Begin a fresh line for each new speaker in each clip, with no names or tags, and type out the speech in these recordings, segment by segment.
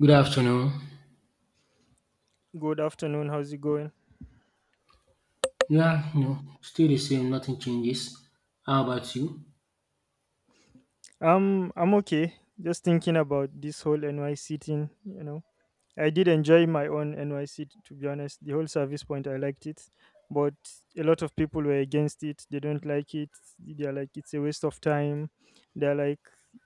Good afternoon.
Good afternoon. How's it going?
Yeah, no, still the same, nothing changes. How about you?
I'm okay. Just thinking about this whole NYC thing. I did enjoy my own NYC, to be honest. The whole service point, I liked it, but a lot of people were against it. They don't like it. They're like, it's a waste of time. They're like,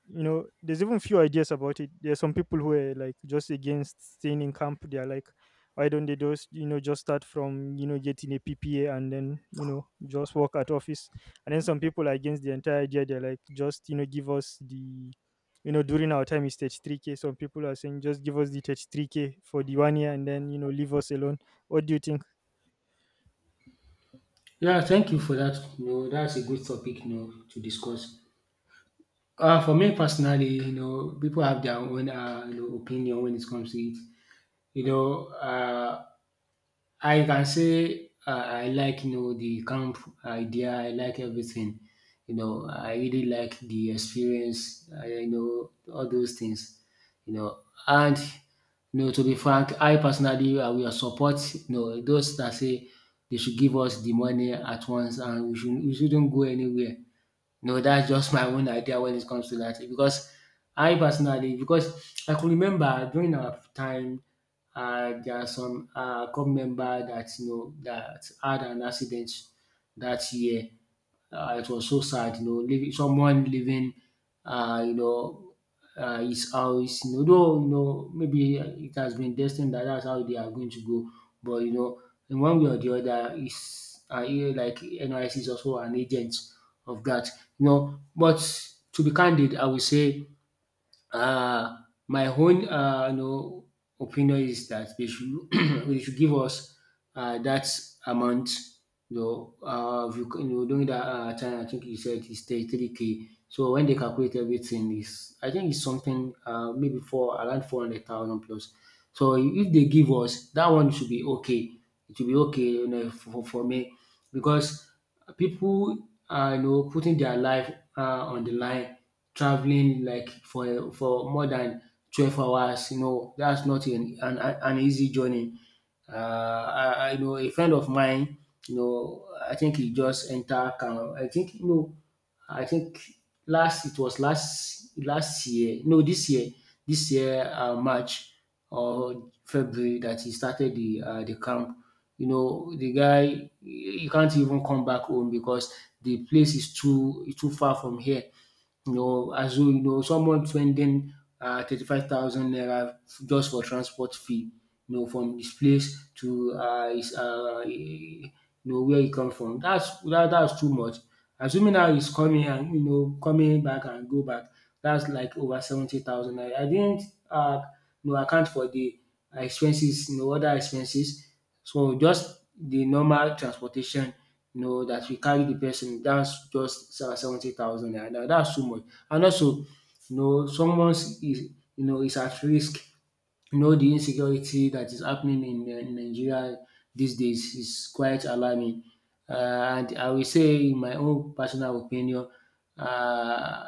there's even few ideas about it. There are some people who are like just against staying in camp. They're like, why don't they just, just start from getting a PPA and then just work at office. And then some people are against the entire idea. They're like, just, give us the. During our time is 33k. Some people are saying just give us the 33k for the 1 year and then, leave us alone. What do you think?
Yeah, thank you for that. No, that's a good topic, to discuss. For me personally, people have their own opinion when it comes to it. You know, uh, I can say I like the camp idea. I like everything. I really like the experience. I all those things. You know, and to be frank, I personally I will support those that say they should give us the money at once, and we shouldn't go anywhere. No, that's just my own idea when it comes to that. Because I personally, because I can remember during our time, there are some club member that that had an accident that year. It was so sad, you know, leaving someone leaving, uh, you know, his house. You know, though, you know, maybe it has been destined that that's how they are going to go. But you know, in one way or the other, is like NYC is also an agent of that. But to be candid, I will say uh, my own opinion is that they should they should give us that amount. If you, you know, during that time, I think you said it's 33K. So when they calculate everything, is I think it's something maybe for around 400,000 plus. So if they give us that one, should be okay. It should be okay, you know, for me, because people are putting their life on the line, traveling like for more than 12 hours. You know that's not an easy journey. I know a friend of mine. You know, I think he just enter. I think I think last it was last year. No, this year March or February that he started the camp. You know, the guy he can't even come back home because the place is too far from here. You know, as though you know someone spending 35,000 naira just for transport fee. You know, from his place to his you know where he come from. That's that's too much. Assuming now he's coming and you know coming back and go back, that's like over 70,000 naira. I didn't uh, you know account for the expenses, you know other expenses. So just the normal transportation know, that you carry the person, that's just 70,000 naira. Now that's too much. And also, you know, someone is is at risk. You know, the insecurity that is happening in Nigeria these days is quite alarming. And I will say, in my own personal opinion, uh,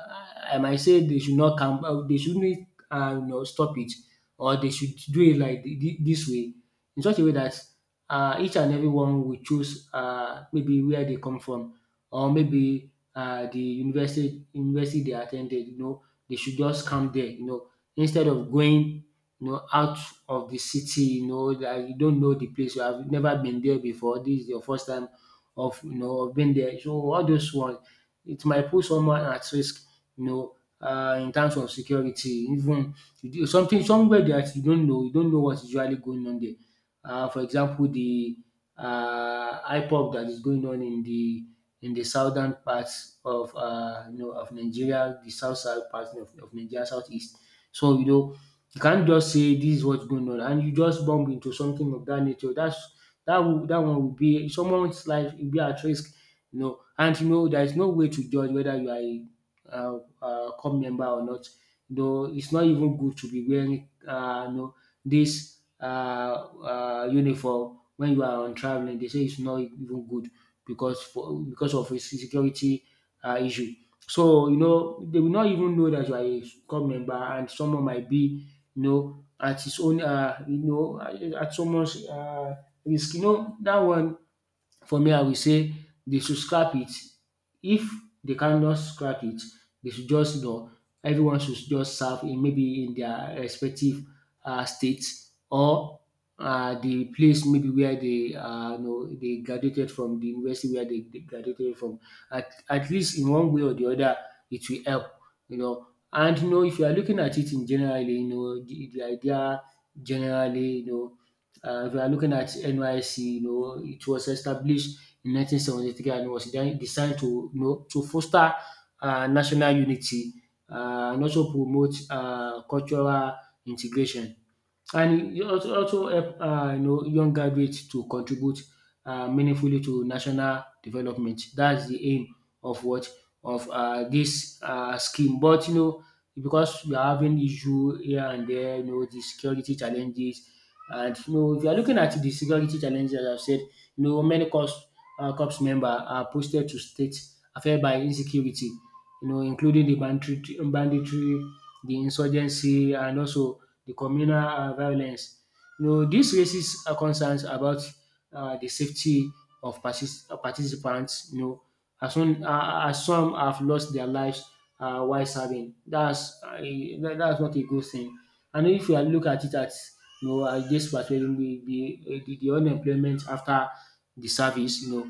I might say they should not come, they shouldn't you know, stop it, or they should do it like this way, in such a way that each and everyone will choose maybe where they come from, or maybe the university they attended. Ten, you know, they should just come there, you know, instead of going, you know, out of the city, you know, that you don't know the place, you have never been there before, this is your first time of, you know, of being there. So all those one, it might put someone at risk, you know, in terms of security. Even you do something somewhere that you don't know, you don't know what's usually going on there. For example, the IPOP that is going on in the southern parts of you know of Nigeria, the south south part of Nigeria, southeast. So you know you can't just say this is what's going on, and you just bump into something of that nature. That's that one will be someone's life will be at risk, you know. And you know there is no way to judge whether you are a club member or not. Though it's not even good to be wearing, you know, this uniform when you are on traveling. They say it's not even good because for because of a security issue. So you know they will not even know that you are a cult member, and someone might be you know at his own you know at someone's risk. You know that one, for me, I will say they should scrap it. If they cannot scrap it, they should just you know everyone should just serve in maybe in their respective state, or the place maybe where they you know they graduated from the university where they graduated from. At least in one way or the other it will help, you know. And you know if you are looking at it in generally, you know, the idea generally, you know, if you are looking at NYC, you know, it was established in 1973 and was then designed to, you know, to foster national unity, and also promote cultural integration. And it also help, you know, young graduates to contribute meaningfully to national development. That's the aim of what of this scheme. But you know because we are having issue here and there, you know, the security challenges, and you know if you are looking at the security challenges, as I've said, you know many corps member are posted to states affected by insecurity, you know, including the banditry, the insurgency and also the communal violence. You know this raises concerns about the safety of participants, you know, as some have lost their lives while serving. Dats dats not a good thing. And if you look at it at you know at dis perspective, the unemployment after the service, you know,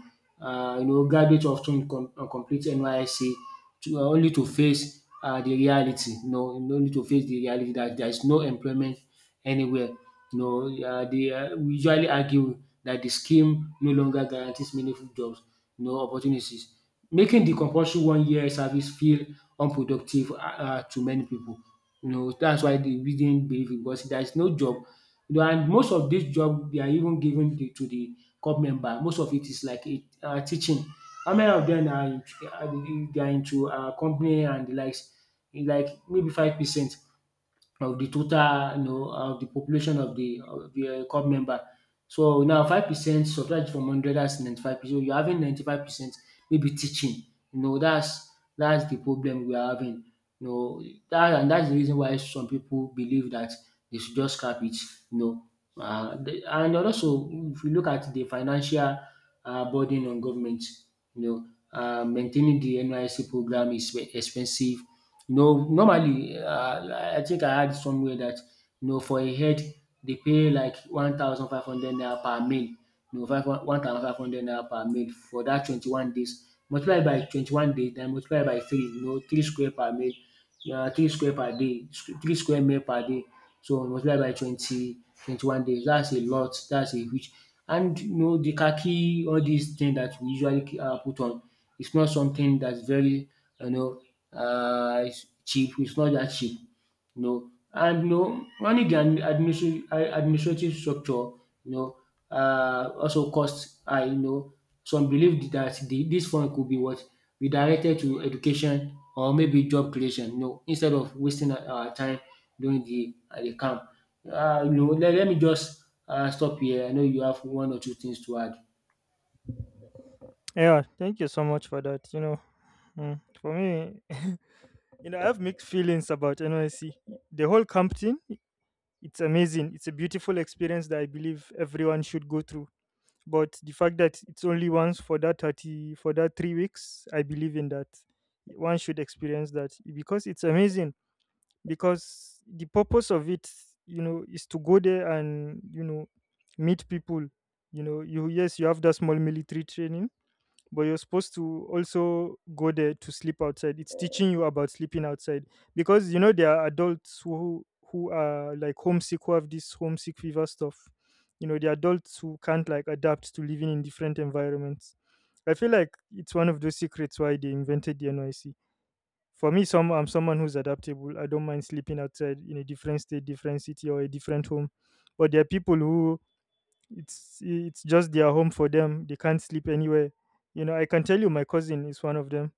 you know graduates often ten complete NYSC to only to face the reality. You know, no need to face the reality that there is no employment anywhere. You know, they we usually argue that the scheme no longer guarantees meaningful jobs, you know, opportunities. Making the compulsory one year service feel unproductive to many people. You know, dats why they we didn't believe it because there is no job. You know, and most of dis job they are even given to the corps member. Most of it is like a teaching. How many of them are in are they are into company and the likes? Like maybe 5% of the total, you know, of the population of the club member. So now 5% subtract from hundred, that's 95%. So you're having 95% maybe teaching. You know that's the problem we are having. You know that, and that's the reason why some people believe that they should just scrap it. You know and also if you look at the financial burden on government, you know maintaining the NYC program is expensive, you know, normally I think I heard somewhere that you know for a head they pay like 1,500 naira per male, you know five one thousand five hundred naira per male for that 21 days. Multiply by 21 days, then multiply by three, you know, three square per male. Yeah, three square per day, three square male per day, so I was like by twenty twenty one days. That's a lot, that's a huge, and you know the khaki, all these things that we usually put on, it's not something that's very, you know, um cheap. It's not that cheap. No, and no, running the administrative structure, you know, also costs high. You know, some believe that this fund could be what redirected to education or maybe job creation. You know, instead of wasting our time during the camp. Let me just stop here. I know you have one or two things to add.
Yeah, thank you so much for that. For me, I have mixed feelings about NYC. The whole camp thing, it's amazing. It's a beautiful experience that I believe everyone should go through. But the fact that it's only once, for that 30 for that 3 weeks, I believe in that. One should experience that because it's amazing. Because the purpose of it, is to go there and, meet people. You, yes, you have that small military training, but you're supposed to also go there to sleep outside. It's teaching you about sleeping outside because, there are adults who are like homesick, who have this homesick fever stuff. The adults who can't like adapt to living in different environments. I feel like it's one of those secrets why they invented the NYC. For me, some I'm someone who's adaptable. I don't mind sleeping outside in a different state, different city, or a different home. But there are people who, it's just their home for them. They can't sleep anywhere. I can tell you, my cousin is one of them.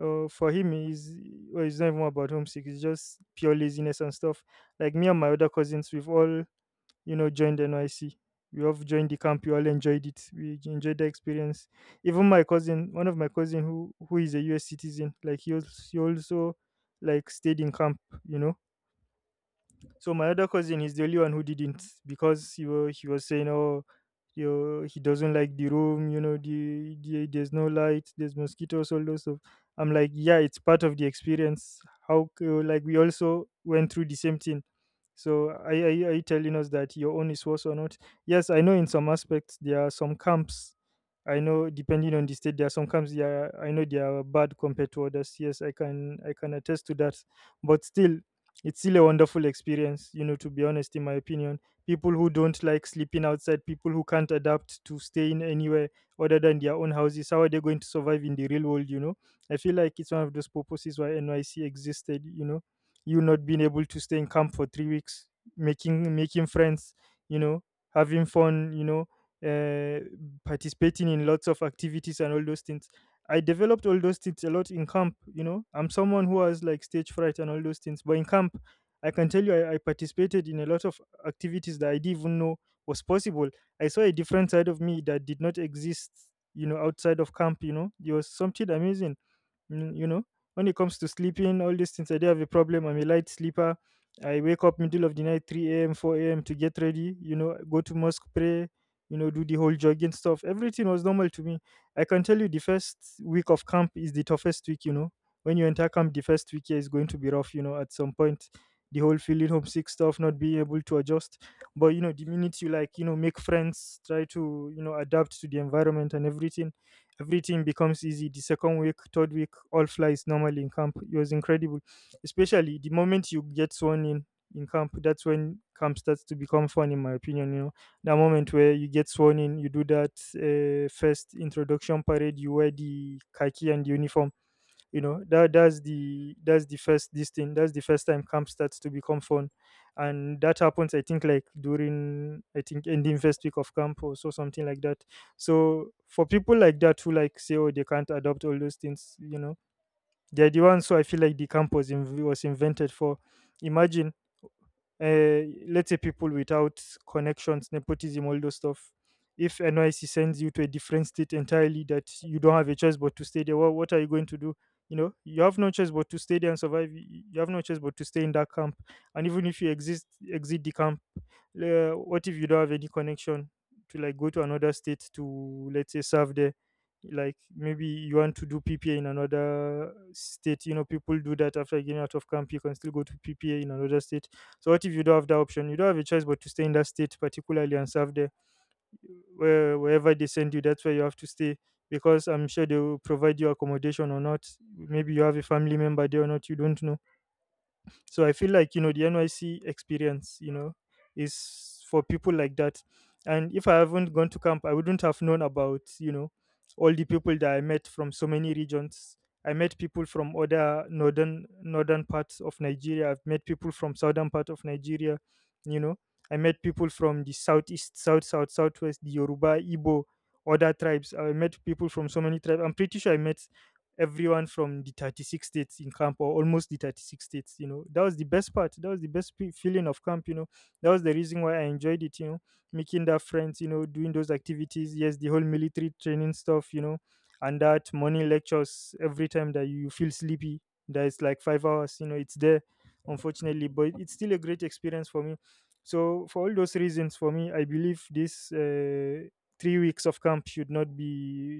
For him, he's well, it's not even about homesick. It's just pure laziness and stuff. Like me and my other cousins, we've all, joined NYC. We all joined the camp. We all enjoyed it. We enjoyed the experience. Even my cousin, one of my cousin who is a US citizen, like he also like stayed in camp. You know so my other cousin, he's the only one who didn't, because he was saying, oh, he doesn't like the room. There's no light, there's mosquitoes, all those stuff. I'm like, yeah, it's part of the experience. Oh, like we also went through the same thing. So are you telling us that your own is worse or not? Yes, I know in some aspects there are some camps. I know, depending on the state, there are some camps. Yeah, I know they are bad compared to others. Yes, I can attest to that. But still, it's still a wonderful experience, to be honest, in my opinion. People who don't like sleeping outside, people who can't adapt to staying anywhere other than their own houses, how are they going to survive in the real world, you know? I feel like it's one of those purposes why NYC existed, you know. You not being able to stay in camp for 3 weeks, making friends, you know, having fun, uh, participating in lots of activities and all those things. I developed all those things a lot in camp. I'm someone who has like stage fright and all those things. But in camp, I can tell you, I participated in a lot of activities that I didn't even know was possible. I saw a different side of me that did not exist, outside of camp. It was something amazing. Mm, you know, when it comes to sleeping, all these things, I do have a problem. I'm a light sleeper. I wake up middle of the night, 3 a.m., 4 a.m., to get ready, go to mosque, pray, do the whole jogging stuff. Everything was normal to me. I can tell you the first week of camp is the toughest week. When you enter camp, the first week here is going to be rough, at some point. The whole feeling homesick stuff, not being able to adjust. But, the minute you like, make friends, try to, adapt to the environment and everything, everything becomes easy. The second week, third week, all flies normally in camp. It was incredible, especially the moment you get sworn in camp. That's when camp starts to become fun, in my opinion. The moment where you get sworn in, you do that first introduction parade. You wear the khaki and uniform. That's the first time camp starts to become fun. And that happens, I think, like during, I think, ending first week of camp or so, something like that. So for people like that who like say, oh, they can't adopt all those things, they're the ones who I feel like the camp was invented for. Imagine uh, let's say people without connections, nepotism, all those stuff. If NYC sends you to a different state entirely that you don't have a choice but to stay there, what are you going to do? You have no choice but to stay there and survive. You have no choice but to stay in that camp. And even if you exit the camp, what if you don't have any connection, to like go to another state to, let's say, serve there? Like, maybe you want to do PPA in another state. People do that after getting out of camp. You can still go to PPA in another state. So what if you don't have that option? You don't have a choice but to stay in that state particularly and serve there. Wherever they send you, that's where you have to stay, because I'm sure they will provide you accommodation or not. Maybe you have a family member there or not, you don't know. So I feel like, the NYC experience, is for people like that. And if I haven't gone to camp, I wouldn't have known about, all the people that I met from so many regions. I met people from other northern parts of Nigeria. I've met people from southern part of Nigeria, you know. I met people from the southeast, south, south, southwest, the Yoruba, Igbo, other tribes. I met people from so many tribes. I'm pretty sure I met everyone from the 36 states in camp, or almost the 36 states. That was the best part. That was the best feeling of camp. That was the reason why I enjoyed it. Making that friends, doing those activities, yes, the whole military training stuff, and that morning lectures, every time that you feel sleepy, that is like 5 hours, it's there, unfortunately. But it's still a great experience for me. So for all those reasons, for me, I believe this 3 weeks of camp should not be,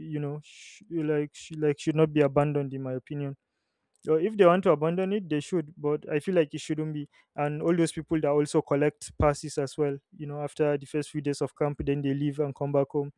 should not be abandoned, in my opinion. Or if they want to abandon it, they should, but I feel like it shouldn't be. And all those people that also collect passes as well, after the first few days of camp then they leave and come back home.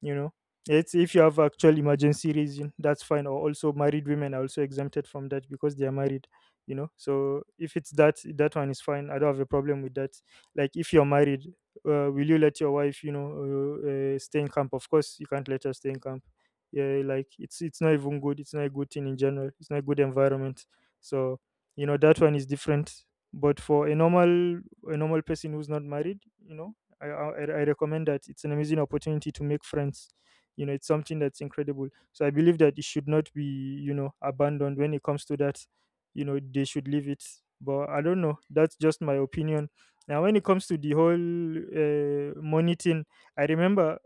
you know it's, if you have actual emergency reason, that's fine. Or also married women are also exempted from that because they are married. So if it's that, that one is fine. I don't have a problem with that. Like, if you're married, will you let your wife, stay in camp? Of course you can't let her stay in camp. Yeah, like it's not even good. It's not a good thing in general. It's not a good environment. So, that one is different. But for a normal person who's not married. I recommend that. It's an amazing opportunity to make friends. It's something that's incredible. So I believe that it should not be, abandoned when it comes to that. They should leave it. But I don't know. That's just my opinion. Now, when it comes to the whole money thing, I remember,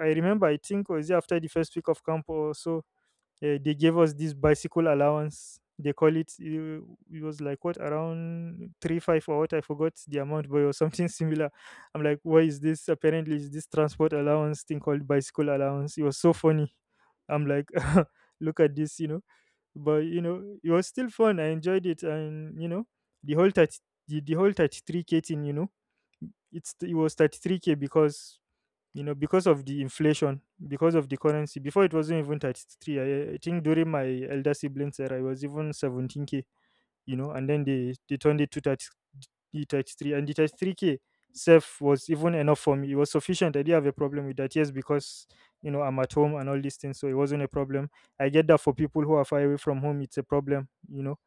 I remember. I think was it after the first week of camp or so they gave us this bicycle allowance. They call it. It was like what, around three five or what, I forgot the amount, but it was something similar. I'm like, why is this? Apparently, is this transport allowance thing called bicycle allowance? It was so funny. I'm like, look at this. But you know, it was still fun. I enjoyed it, and you know, the whole 30, the whole 33k thing, you know, it was 33k because, you know, because of the inflation, because of the currency before. It wasn't even 33. I think during my elder siblings era it was even 17k. You know, and then they turned it to thirty three, and the 33K self was even enough for me. It was sufficient. I didn't have a problem with that. Yes, because, you know, I'm at home and all these things. So it wasn't a problem. I get that for people who are far away from home, it's a problem, you know.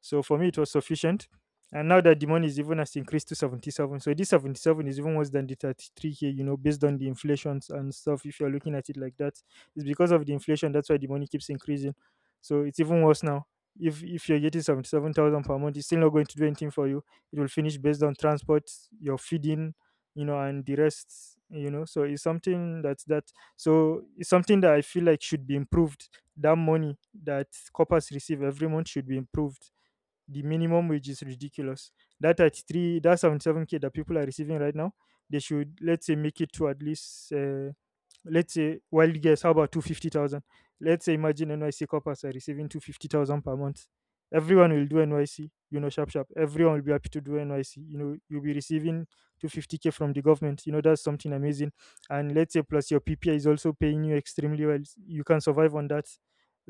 So for me, it was sufficient. And now that the money is even has increased to 77. So this 77 is even worse than the 33K, you know, based on the inflations and stuff. If you're looking at it like that, it's because of the inflation. That's why the money keeps increasing. So it's even worse now. If you're getting 77,000 per month, it's still not going to do anything for you. It will finish based on transport, your feeding, you know, and the rest, you know. So it's something that's that. So it's something that I feel like should be improved. That money that coppers receive every month should be improved. The minimum wage is ridiculous. That 33, that 77k that people are receiving right now, they should, let's say, make it to at least let's say, wild guess, how about 250,000? Let's say imagine NYC coppers are receiving 250,000 per month. Everyone will do NYC, you know, sharp sharp. Everyone will be happy to do NYC. You know, you'll be receiving 250k from the government. You know, that's something amazing. And let's say plus your PPI is also paying you extremely well, you can survive on that.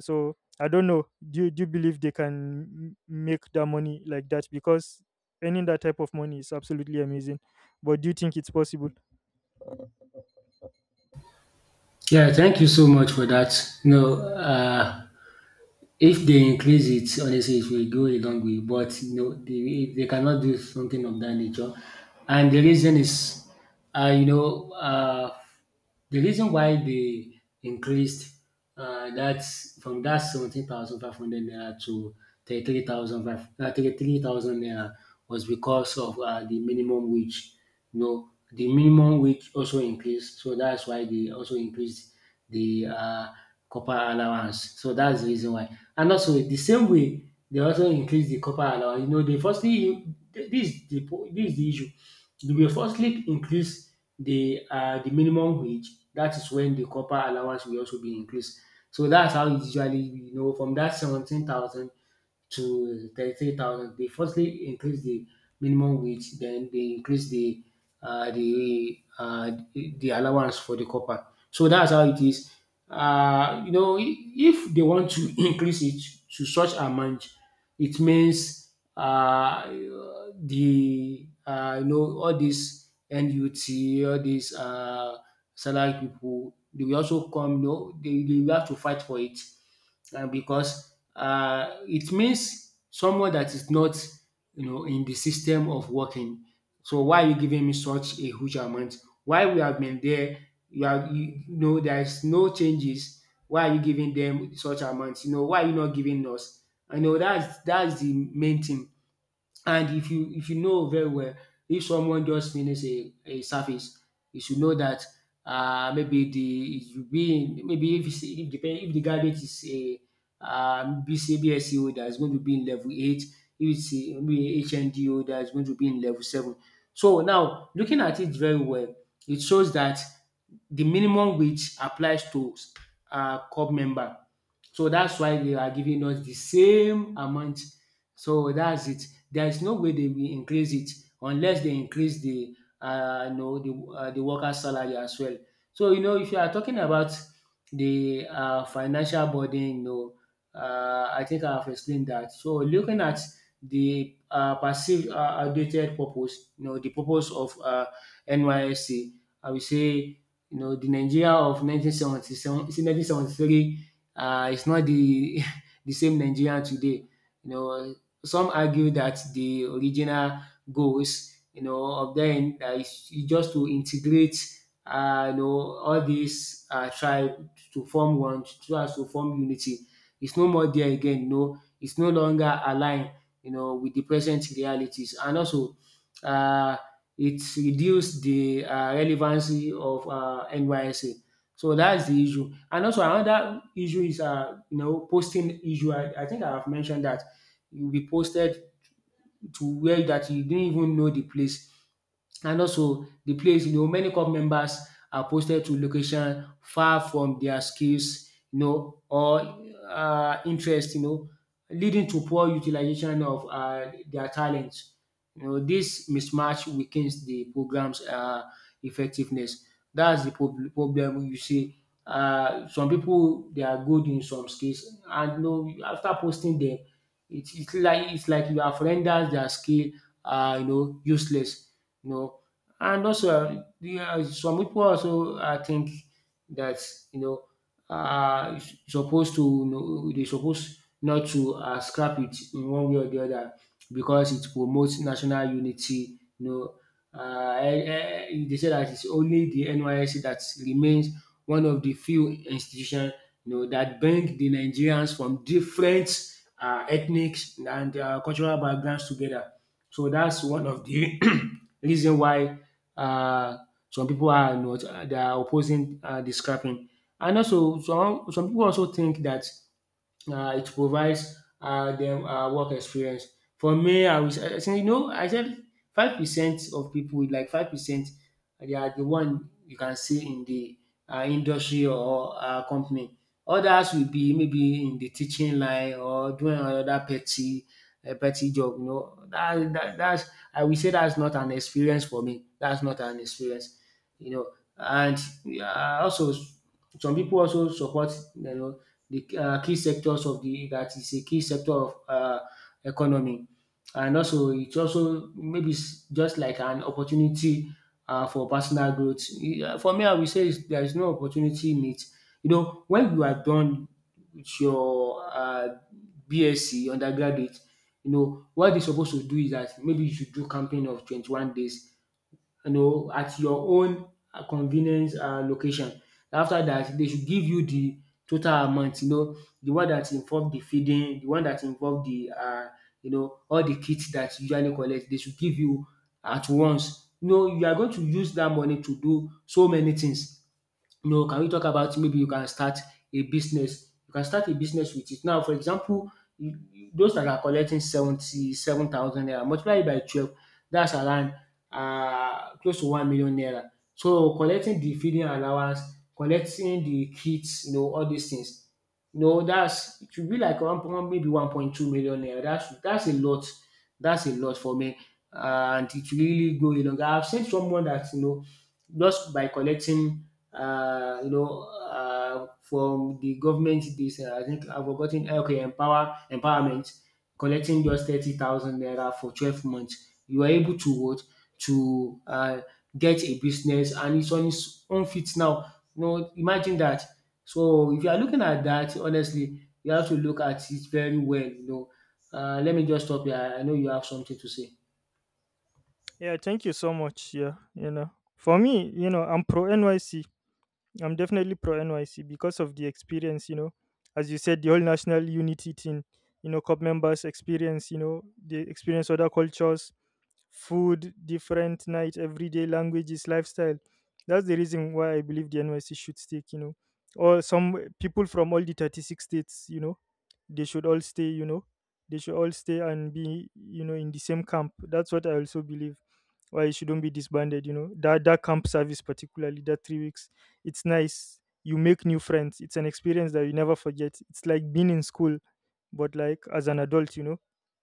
So I don't know, do you believe they can make that money like that? Because earning that type of money is absolutely amazing. But do you think it's possible?
Yeah, thank you so much for that. You know, if they increase it, honestly, it will go a long way. But you know, they cannot do something of that nature. And the reason is, uh, you know, uh, the reason why they increased that from that 17,500 naira to 33,000 naira was because of the minimum wage. You know, the minimum wage also increased, so that's why they also increased the copper allowance. So that's the reason why. And also, the same way, they also increase the copper allowance. You know, they firstly, this is the issue. They will firstly increase the minimum wage. That is when the copper allowance will also be increased. So that's how it's usually, you know, from that 17,000 to 33,000. They firstly increase the minimum wage, then they increase the allowance for the copper. So that's how it is. If they want to increase it to such amount, it means the you know all these NUT, all these salary people, they will also come. You know, they will have to fight for it, because it means someone that is not, you know, in the system of working. So why are you giving me such a huge amount? Why we have been there? You are, you know, there is no changes. Why are you giving them such amounts? You know, why are you not giving us? I know that's the main thing. And if you know very well, if someone just finish a service, you should know that maybe the it will be maybe if the graduate is a BC BSc, going to be in level eight; if it's a maybe HND, that is going to be in level seven. So now, looking at it very well, it shows that the minimum wage applies to club member. So that's why they are giving us the same amount. So that's it, there is no way they will increase it unless they increase the you know the worker salary as well. So you know, if you are talking about the financial burden, you know, I think I have explained that. So looking at the perceived outdated purpose, you know, the purpose of NYSC, I will say, you know, the Nigeria of 1977, 1973 is not the the same Nigeria today. You know, some argue that the original goals, you know, of them is just to integrate, all these tribe to form one, so as to form unity. It's no more there again. You know, it's no longer aligned, you know, with the present realities, and also, uh, it reduced the relevancy of NYSA. So that's the issue. And also another issue is, you know, posting issue. I think I have mentioned that. You'll be posted to where that you didn't even know the place. And also the place, you know, many club members are posted to location far from their skills, you know, or interest, you know, leading to poor utilization of their talents. You know, this mismatch weakens the program's effectiveness. That's the problem, you see. Some people, they are good in some skills, and, you know, after posting them, it's like you have rendered their skill, useless. You know, and also some people also think that, you know, supposed to, you know, they supposed not to scrap it in one way or the other, because it promotes national unity. You know, they said that it's only the NYSC that remains one of the few institutions, you know, that bring the Nigerians from different ethnic and cultural backgrounds together. So that's one of the reason why uh, some people are not, they are opposing the scrapping. And also some people also think that it provides them work experience. For me, I think, you know, I said 5% of people, with like 5%, they are the one you can see in the industry or company. Others will be maybe in the teaching line or doing another petty job. You know that, that that's I will say that's not an experience for me. That's not an experience, you know. And also, some people also support, you know, the key sectors of the that is a key sector of economy, and also it's also maybe just like an opportunity for personal growth. Yeah, for me, I will say there is no opportunity in it. You know, when you are done with your BSc undergraduate, you know what they're supposed to do is that maybe you should do campaign of 21 days, you know, at your own convenience location. After that, they should give you the total amount, you know, the one that involve the feeding, the one that involve the, all the kits that you usually collect. They should give you at once. You know, you are going to use that money to do so many things. You know, can we talk about, maybe you can start a business? You can start a business with it. Now, for example, those that are collecting 77,000 naira, multiply it by 12, that's around, close to 1 million naira. So, collecting the feeding allowance, collecting the kits, you know, all these things, you know, that's, it should be like one, one maybe 1.2 million naira. That's a lot. That's a lot for me. And it will really go a long. I've seen someone that, you know, just by collecting, uh, you know from the government, this, I think I've forgotten, okay, empowerment, collecting just 30,000 naira for 12 months, you are able to, what, to get a business, and it's on its own feet now. You know, imagine that. So if you are looking at that, honestly, you have to look at it very well. You know, let me just stop here. I know you have something to say.
Yeah, thank you so much. Yeah, you know, for me, you know, I'm pro NYC. I'm definitely pro NYC because of the experience, you know, as you said, the whole national unity thing, you know, club members experience, you know, they experience other cultures, food, different night, everyday languages, lifestyle. That's the reason why I believe the NYC should stick, you know. Or some people from all the 36 states, you know, they should all stay, you know. They should all stay and be, you know, in the same camp. That's what I also believe. Why it shouldn't be disbanded, you know. That camp service particularly, that 3 weeks. It's nice. You make new friends. It's an experience that you never forget. It's like being in school, but like as an adult, you know,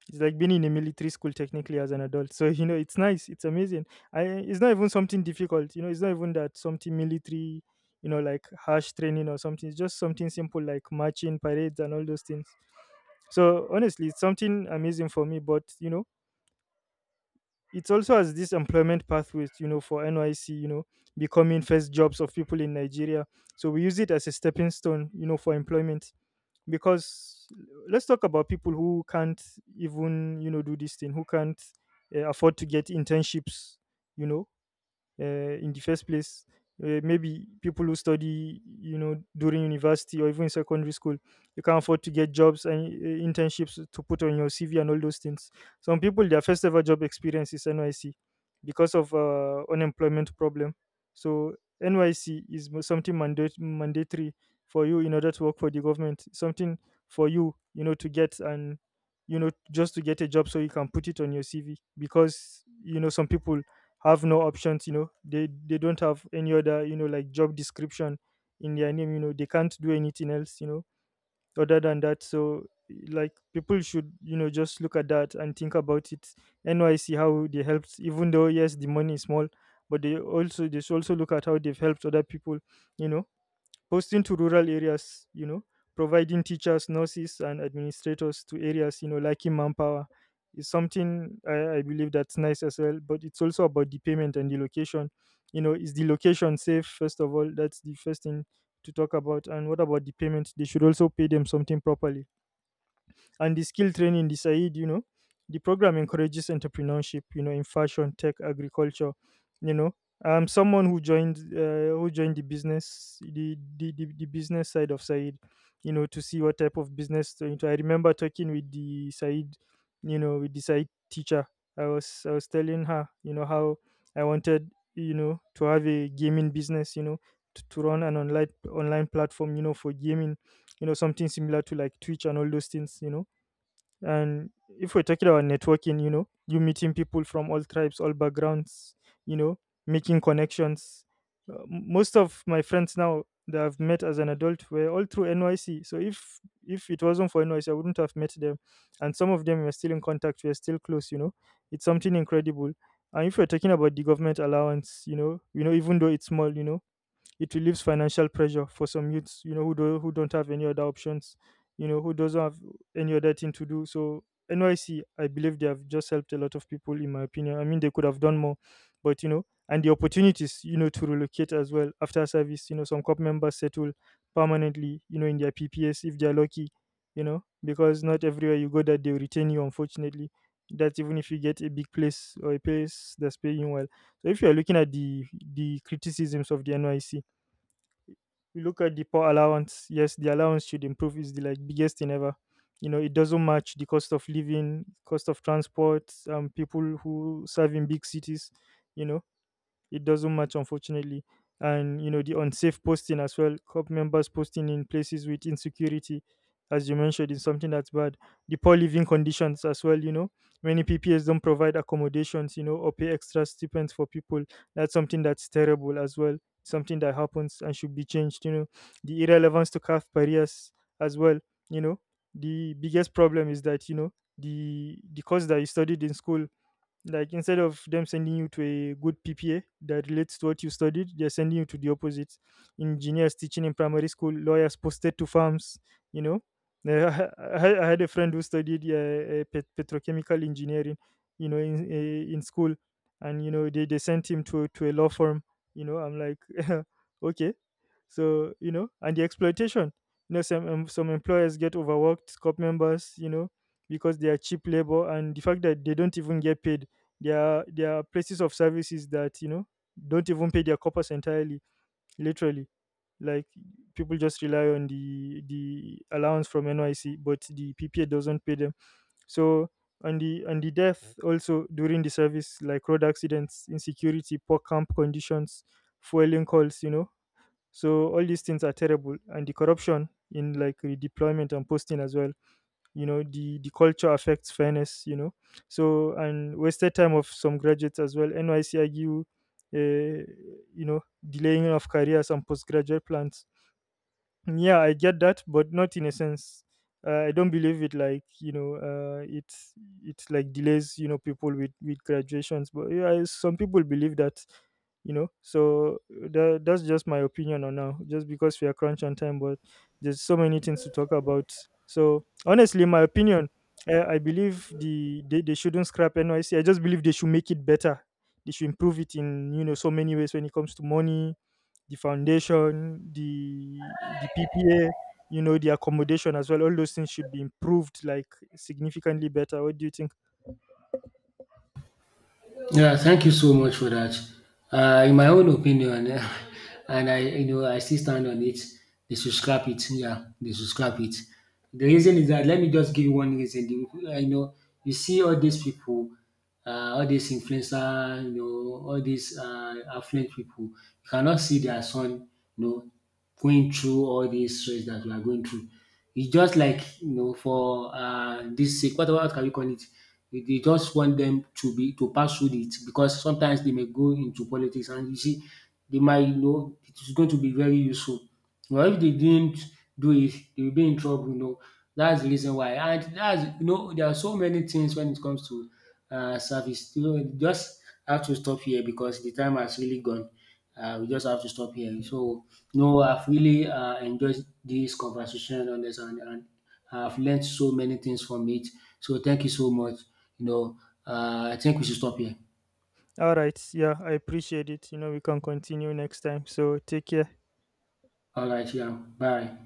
it's like being in a military school technically as an adult. So you know, it's nice. It's amazing. I It's not even something difficult. You know, it's not even that something military. You know, like harsh training or something. It's just something simple like marching, parades, and all those things. So honestly, it's something amazing for me. But you know, it also has this employment pathways. You know, for NYC, you know, becoming first jobs of people in Nigeria. So we use it as a stepping stone. You know, for employment, because let's talk about people who can't even, you know, do this thing, who can't afford to get internships, you know, in the first place. Maybe people who study, you know, during university or even in secondary school, you can't afford to get jobs and internships to put on your CV and all those things. Some people, their first ever job experience is NYC because of unemployment problem. So NYC is something mandate, mandatory for you in order to work for the government. Something for you, you know, to get, and you know, just to get a job so you can put it on your CV, because you know, some people have no options, you know, they don't have any other, you know, like job description in their name, you know, they can't do anything else, you know, other than that. So like people should, you know, just look at that and think about it. NYC, how they helped, even though, yes, the money is small, but they also, they should also look at how they've helped other people, you know. Hosting to rural areas, you know, providing teachers, nurses, and administrators to areas, you know, lacking manpower is something I believe that's nice as well. But it's also about the payment and the location. You know, is the location safe, first of all? That's the first thing to talk about. And what about the payment? They should also pay them something properly, and the skill training, the Said, you know, the program encourages entrepreneurship, you know, in fashion, tech, agriculture, you know. I'm someone who joined the business, the business side of Said, you know, to see what type of business to into. I remember talking with the Said, you know, with the Said teacher. I was telling her, you know, how I wanted, you know, to have a gaming business, you know, to, run an online platform, you know, for gaming, you know, something similar to like Twitch and all those things, you know. And if we're talking about networking, you know, you meeting people from all tribes, all backgrounds, you know, making connections. Most of my friends now that I've met as an adult were all through NYC. So if it wasn't for NYC, I wouldn't have met them. And some of them were still in contact. We're still close. You know, it's something incredible. And if we're talking about the government allowance, you know, even though it's small, you know, it relieves financial pressure for some youths, you know, who don't have any other options, you know, who doesn't have any other thing to do. So NYC, I believe they have just helped a lot of people, in my opinion. I mean, they could have done more, but you know, and the opportunities, you know, to relocate as well after service. You know, some COP members settle permanently, you know, in their PPS if they are lucky, you know, because not everywhere you go that they will retain you, unfortunately. That's even if you get a big place or a place that's paying well. So if you are looking at the criticisms of the NYC, we look at the poor allowance. Yes, the allowance should improve. Is the like biggest thing ever. You know, it doesn't match the cost of living, cost of transport, people who serve in big cities. You know, it doesn't match, unfortunately. And, you know, the unsafe posting as well, club members posting in places with insecurity, as you mentioned, is something that's bad. The poor living conditions as well, you know. Many PPS don't provide accommodations, you know, or pay extra stipends for people. That's something that's terrible as well. Something that happens and should be changed, you know. The irrelevance to calf barriers as well, you know. The biggest problem is that, you know, the course that you studied in school, like instead of them sending you to a good PPA that relates to what you studied, they're sending you to the opposite. Engineers teaching in primary school, lawyers posted to farms, you know. Uh, I had a friend who studied petrochemical engineering, you know, in school, and you know they sent him to a law firm. You know, I'm like, okay, so you know, and the exploitation. You know, some employers get overworked, cop members, you know, because they are cheap labor, and the fact that they don't even get paid. There are places of services that, you know, don't even pay their corpus entirely, literally. Like people just rely on the allowance from NYC, but the PPA doesn't pay them. So on the death also during the service, like road accidents, insecurity, poor camp conditions, fueling calls, you know. So all these things are terrible, and the corruption in like redeployment and posting as well, you know. The culture affects fairness, you know. So and wasted time of some graduates as well. NYC argue, uh, you know, delaying of careers and postgraduate plans. Yeah, I get that, but not in a sense. I don't believe it, like, you know, it's like delays, you know, people with graduations. But yeah, some people believe that, you know. So that's just my opinion on now, just because we are crunch on time. But there's so many things to talk about. So honestly, my opinion, I believe the they shouldn't scrap NYC. I just believe they should make it better. They should improve it in, you know, so many ways when it comes to money, the foundation, the PPA, you know, the accommodation as well. All those things should be improved like significantly better. What do you think?
Yeah, thank you so much for that. In my own opinion, and I, you know, I still stand on it. They should scrap it. Yeah, they should scrap it. The reason is that, let me just give you one reason. You know, you see all these people, all these influencer, you know, all these affluent people. You cannot see their son, you know, going through all this stress that we are going through. It's just like, you know, for this sake, what can we call it? They just want them to be, to pass through it, because sometimes they may go into politics and, you see, they might, you know, it is going to be very useful. But if they didn't do it, they will be in trouble, you know. That's the reason why. And that's, you know, there are so many things when it comes to service. You know, just have to stop here because the time has really gone. We just have to stop here. So, no, I've really enjoyed this conversation on this, and I've learned so many things from it. So, thank you so much. You know, I think we should stop here.
All right, yeah, I appreciate it. You know, we can continue next time. So take care.
All right, yeah, bye.